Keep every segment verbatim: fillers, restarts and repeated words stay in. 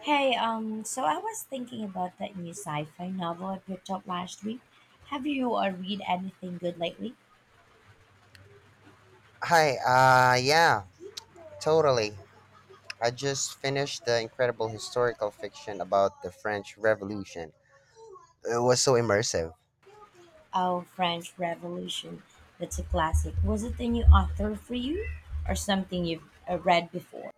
Hey, um, so I was thinking about that new sci-fi novel I picked up last week. Have you uh, read anything good lately? Hi, uh, yeah, totally. I just finished the incredible historical fiction about the French Revolution. It was so immersive. Oh, French Revolution. That's a classic. Was it a new author for you or something you've uh, read before?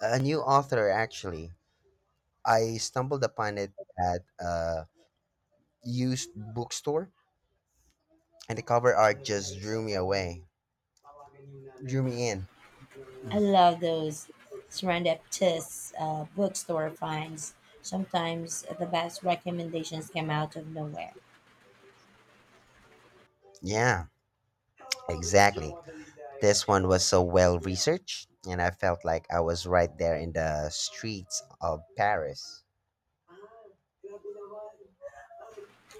A new author, actually. I stumbled upon it at a used bookstore, and the cover art just drew me away, drew me in. I love those serendipitous uh, bookstore finds. Sometimes the best recommendations come out of nowhere. Yeah, exactly. This one was so well researched, and I felt like I was right there in the streets of Paris.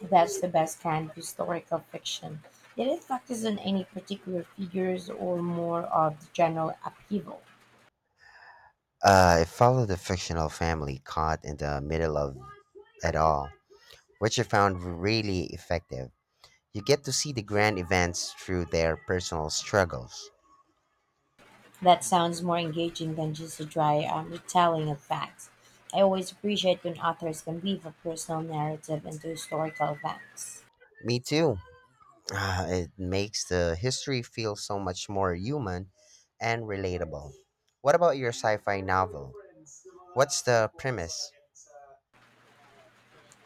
That's the best kind of historical fiction. Did it focus on any particular figures or more of the general upheaval? Uh, it followed a fictional family caught in the middle of it all, which I found really effective. You get to see the grand events through their personal struggles. That sounds more engaging than just a dry um, retelling of facts. I always appreciate when authors can weave a personal narrative into historical events. Me too. Ah, it makes the history feel so much more human and relatable. What about your sci fi novel? What's the premise?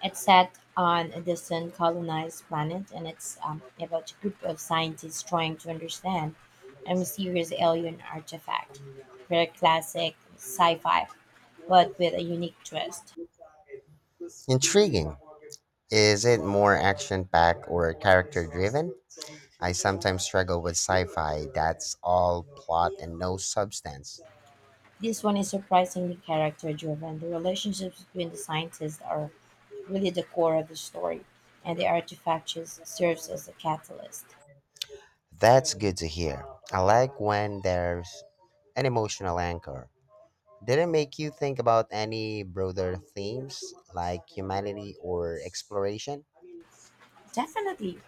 It's set on a distant colonized planet, and it's um, about a group of scientists trying to understand a mysterious alien artifact. Very classic sci fi, but with a unique twist. Intriguing. Is it more action packed or character driven? I sometimes struggle with sci fi that's all plot and no substance. This one is surprisingly character driven. The relationships between the scientists are really the core of the story, and the artifact just serves as a catalyst. That's good to hear. I like when there's an emotional anchor. Did it make you think about any broader themes like humanity or exploration? Definitely.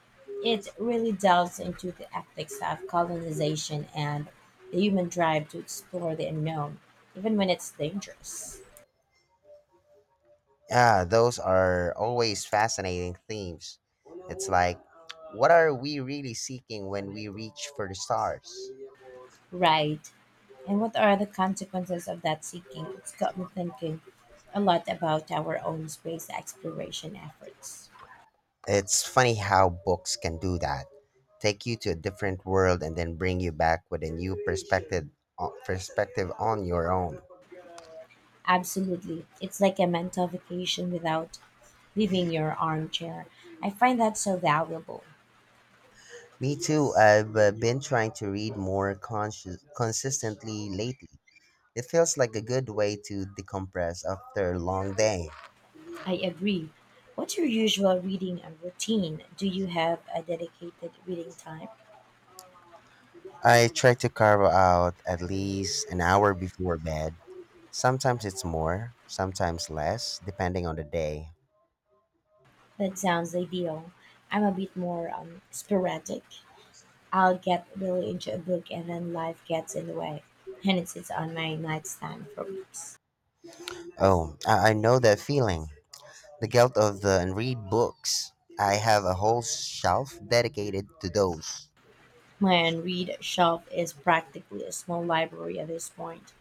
It really delves into the ethics of colonization and the human drive to explore the unknown, even when it's dangerous. Yeah, those are always fascinating themes. It's like, what are we really seeking when we reach for the stars? Right. And what are the consequences of that seeking? It's got me thinking a lot about our own space exploration efforts. It's funny how books can do that. Take you to a different world and then bring you back with a new perspective o- perspective on your own. Absolutely. It's like a mental vacation without leaving your armchair. I find that so valuable. Me too. I've uh, been trying to read more conscious, consistently lately. It feels like a good way to decompress after a long day. I agree. What's your usual reading and routine? Do you have a dedicated reading time? I try to carve out at least an hour before bed. Sometimes it's more, sometimes less, depending on the day. That sounds ideal. I'm a bit more um, sporadic. I'll get really into a book and then life gets in the way, and it sits on my nightstand for weeks. Oh, I, I know that feeling. The guilt of the unread books. I have a whole shelf dedicated to those. My unread shelf is practically a small library at this point.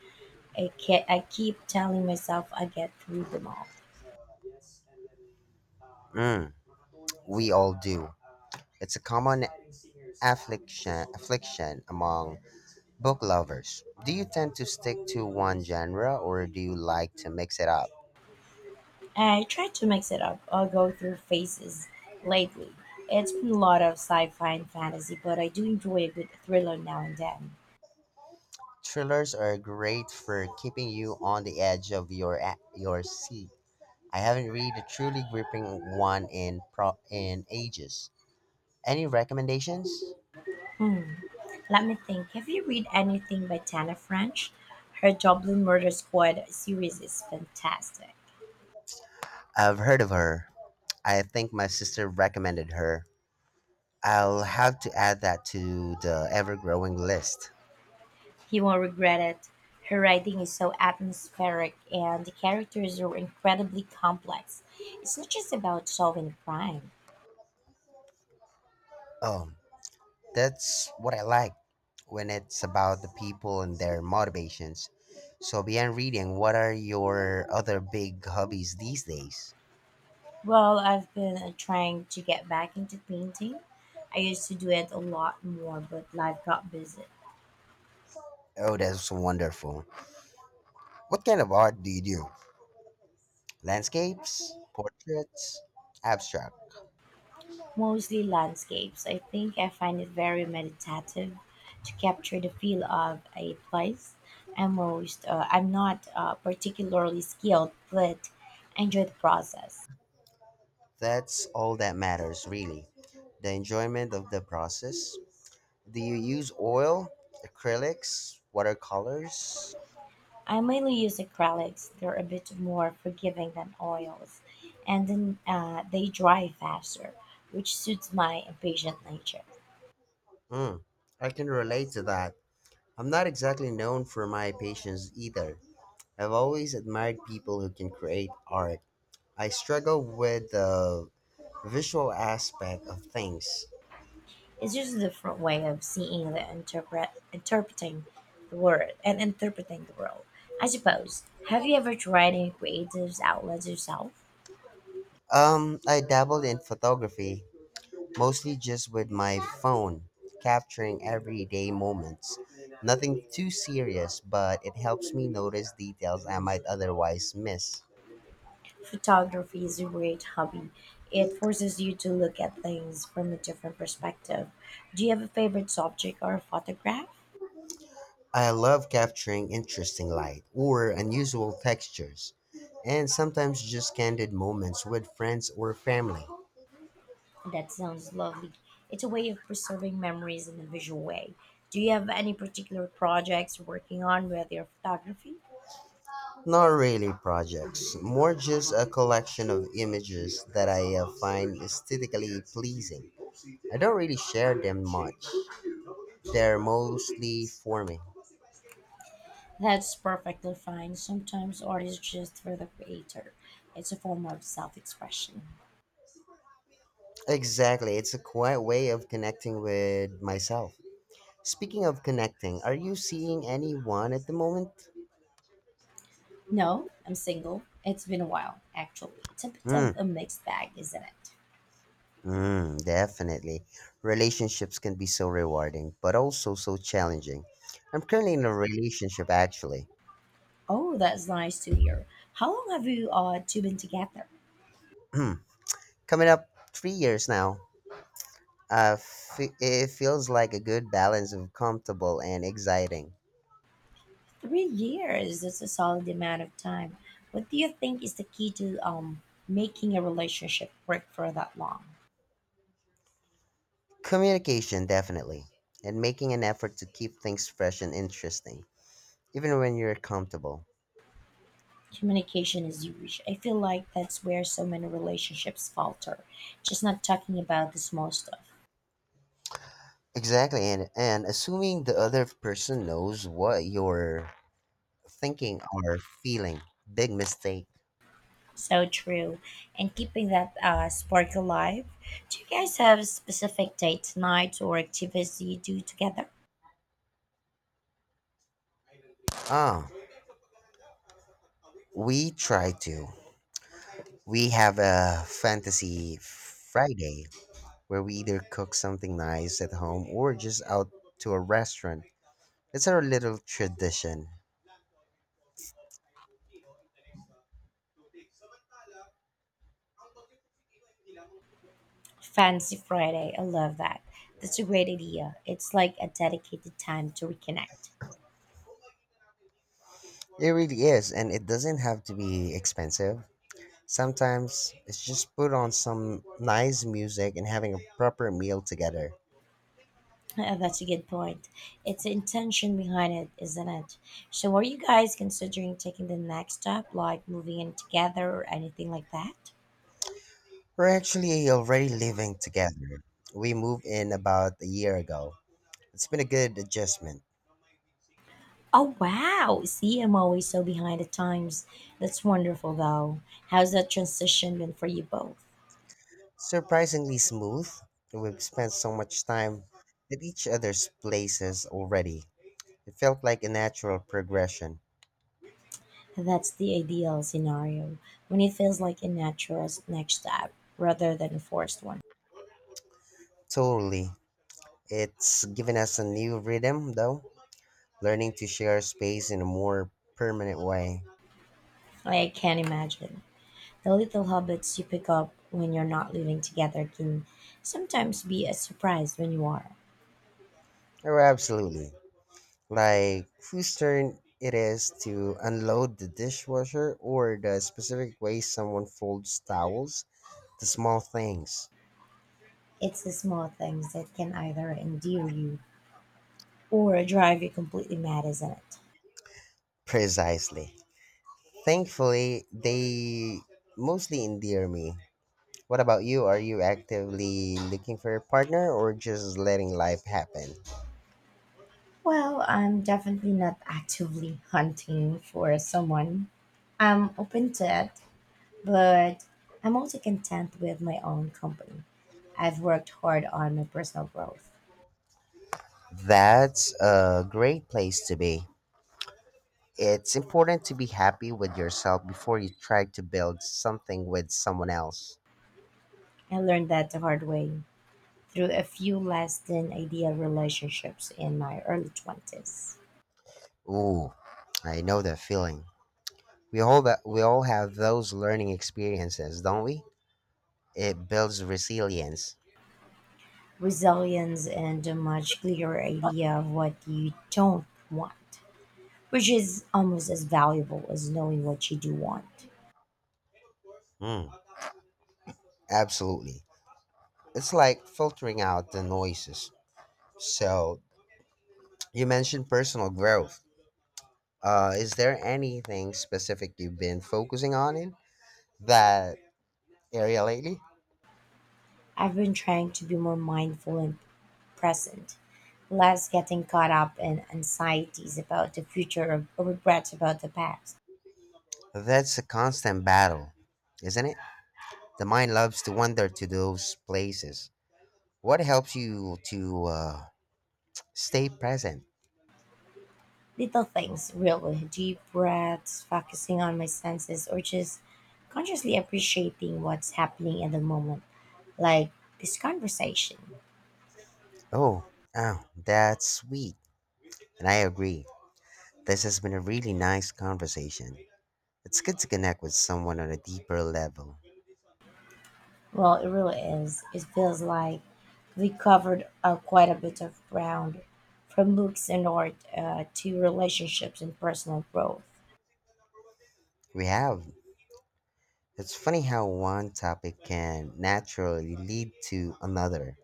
I, ke- I keep telling myself I get through them all. Mm, we all do. It's a common affliction affliction among book lovers. Do you tend to stick to one genre or do you like to mix it up? I try to mix it up. I'll go through phases lately. It's been a lot of sci-fi and fantasy, but I do enjoy a good thriller now and then. Thrillers are great for keeping you on the edge of your a- your seat. I haven't read a truly gripping one in pro- in ages. Any recommendations? Hmm. Let me think. Have you read anything by Tana French? Her Dublin Murder Squad series is fantastic. I've heard of her. I think my sister recommended her. I'll have to add that to the ever-growing list. You won't regret it. Her writing is so atmospheric and the characters are incredibly complex. It's not just about solving a crime. Oh, that's what I like when it's about the people and their motivations. So beyond reading, what are your other big hobbies these days? Well, I've been uh, trying to get back into painting. I used to do it a lot more, but life got busy. Oh, that's wonderful. What kind of art do you do? Landscapes, portraits, abstract. Mostly landscapes. I think I find it very meditative to capture the feel of a place. I'm most, uh, I'm not uh, particularly skilled, but I enjoy the process. That's all that matters, really. The enjoyment of the process. Do you use oil, acrylics, watercolors? I mainly use acrylics. They're a bit more forgiving than oils, and then uh, they dry faster, which suits my impatient nature. Mm, I can relate to that. I'm not exactly known for my patience either. I've always admired people who can create art. I struggle with the visual aspect of things. It's just a different way of seeing the interpret interpreting the word and interpreting the world. I suppose. Have you ever tried any creative outlets yourself? Um, I dabbled in photography, mostly just with my phone, capturing everyday moments. Nothing too serious, but it helps me notice details I might otherwise miss. Photography is a great hobby. It forces you to look at things from a different perspective. Do you have a favorite subject or a photograph? I love capturing interesting light or unusual textures, and sometimes just candid moments with friends or family. That sounds lovely. It's a way of preserving memories in a visual way. Do you have any particular projects you're working on with your photography? Not really projects, more just a collection of images that I uh, find aesthetically pleasing. I don't really share them much, they're mostly for me. That's perfectly fine. Sometimes art is just for the creator. It's a form of self-expression. Exactly. It's a quiet way of connecting with myself. Speaking of connecting, are you seeing anyone at the moment? No, I'm single. It's been a while, actually. It's a bit of Mm, a mixed bag, isn't it? mm, definitely. Relationships can be so rewarding, but also so challenging. I'm currently in a relationship, actually. Oh, that's nice to hear. How long have you uh, two been together? Hmm, coming up three years now. Uh, fe- it feels like a good balance of comfortable and exciting. Three years. That's a solid amount of time. What do you think is the key to um making a relationship work for that long? Communication, definitely. And making an effort to keep things fresh and interesting, even when you're comfortable. Communication is huge. I feel like that's where so many relationships falter. Just not talking about the small stuff. Exactly, and and assuming the other person knows what you're thinking or feeling, big mistake. So true. And keeping that uh, spark alive. Do you guys have specific date nights or activities you do together? Ah, we try to. We have a fantasy Friday where we either cook something nice at home or just out to a restaurant. It's our little tradition. Fancy Friday. I love that. That's a great idea. It's like a dedicated time to reconnect. It really is, and it doesn't have to be expensive. Sometimes it's just put on some nice music and having a proper meal together. Uh, that's a good point. It's the intention behind it, isn't it? So, are you guys considering taking the next step, like moving in together or anything like that? We're actually already living together. We moved in about a year ago. It's been a good adjustment. Oh wow, see, I'm always so behind the times. That's wonderful though. How's that transition been for you both? Surprisingly smooth. We've spent so much time at each other's places already. It felt like a natural progression. That's the ideal scenario when it feels like a natural s- next step rather than a forced one. Totally. It's given us a new rhythm, though, learning to share space in a more permanent way. I can not imagine. The little habits you pick up when you're not living together can sometimes be a surprise when you are. Oh, absolutely. Like whose turn it is to unload the dishwasher or the specific way someone folds towels, the small things. It's the small things that can either endear you or drive you completely mad, isn't it? Precisely. Thankfully, they mostly endear me. What about you? Are you actively looking for a partner or just letting life happen? Well, I'm definitely not actively hunting for someone. I'm open to it, but I'm also content with my own company. I've worked hard on my personal growth. That's a great place to be. It's important to be happy with yourself before you try to build something with someone else. I learned that the hard way through a few less than ideal relationships in my early twenties. Ooh, I know that feeling. We all that we all have those learning experiences, don't we? It builds resilience. Resilience and a much clearer idea of what you don't want, which is almost as valuable as knowing what you do want. Mm, absolutely. It's like filtering out the noises. So you mentioned personal growth. Uh, is there anything specific you've been focusing on in that area lately? I've been trying to be more mindful and present, less getting caught up in anxieties about the future or regrets about the past. That's a constant battle, isn't it? The mind loves to wander to those places. What helps you to uh, stay present? Little things, really, deep breaths, focusing on my senses, or just consciously appreciating what's happening at the moment, like this conversation. Oh, oh, that's sweet. And I agree. This has been a really nice conversation. It's good to connect with someone on a deeper level. Well, it really is. It feels like we covered uh, quite a bit of ground from books and art uh, to relationships and personal growth. We have. It's funny how one topic can naturally lead to another.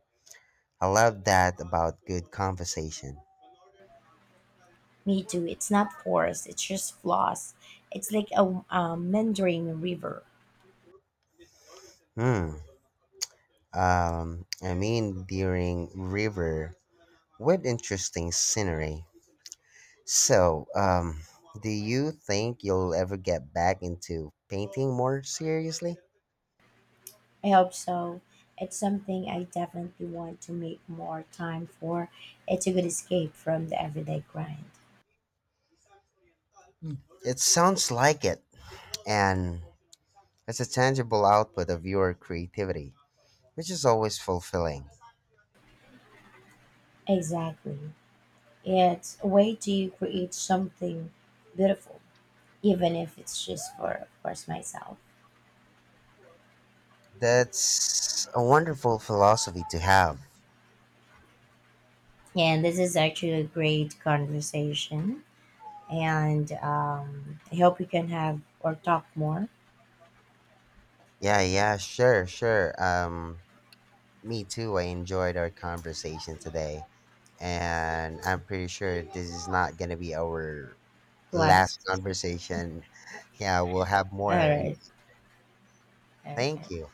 I love that about good conversation. Me too. It's not forced. It's just floss. It's like a um, meandering river. Hmm. Um, I mean, during river with interesting scenery. So, um, do you think you'll ever get back into painting more seriously? I hope so. It's something I definitely want to make more time for. It's a good escape from the everyday grind. It sounds like it. And it's a tangible output of your creativity, which is always fulfilling. Exactly. It's a way to create something beautiful, even if it's just for, of course, myself. That's a wonderful philosophy to have. And this is actually a great conversation. And um, I hope we can have or talk more. Yeah, yeah, sure, sure. Um, me too. I enjoyed our conversation today, and I'm pretty sure this is not gonna be our last Blessed. conversation. Yeah, we'll have All more. And right. Okay. thank you.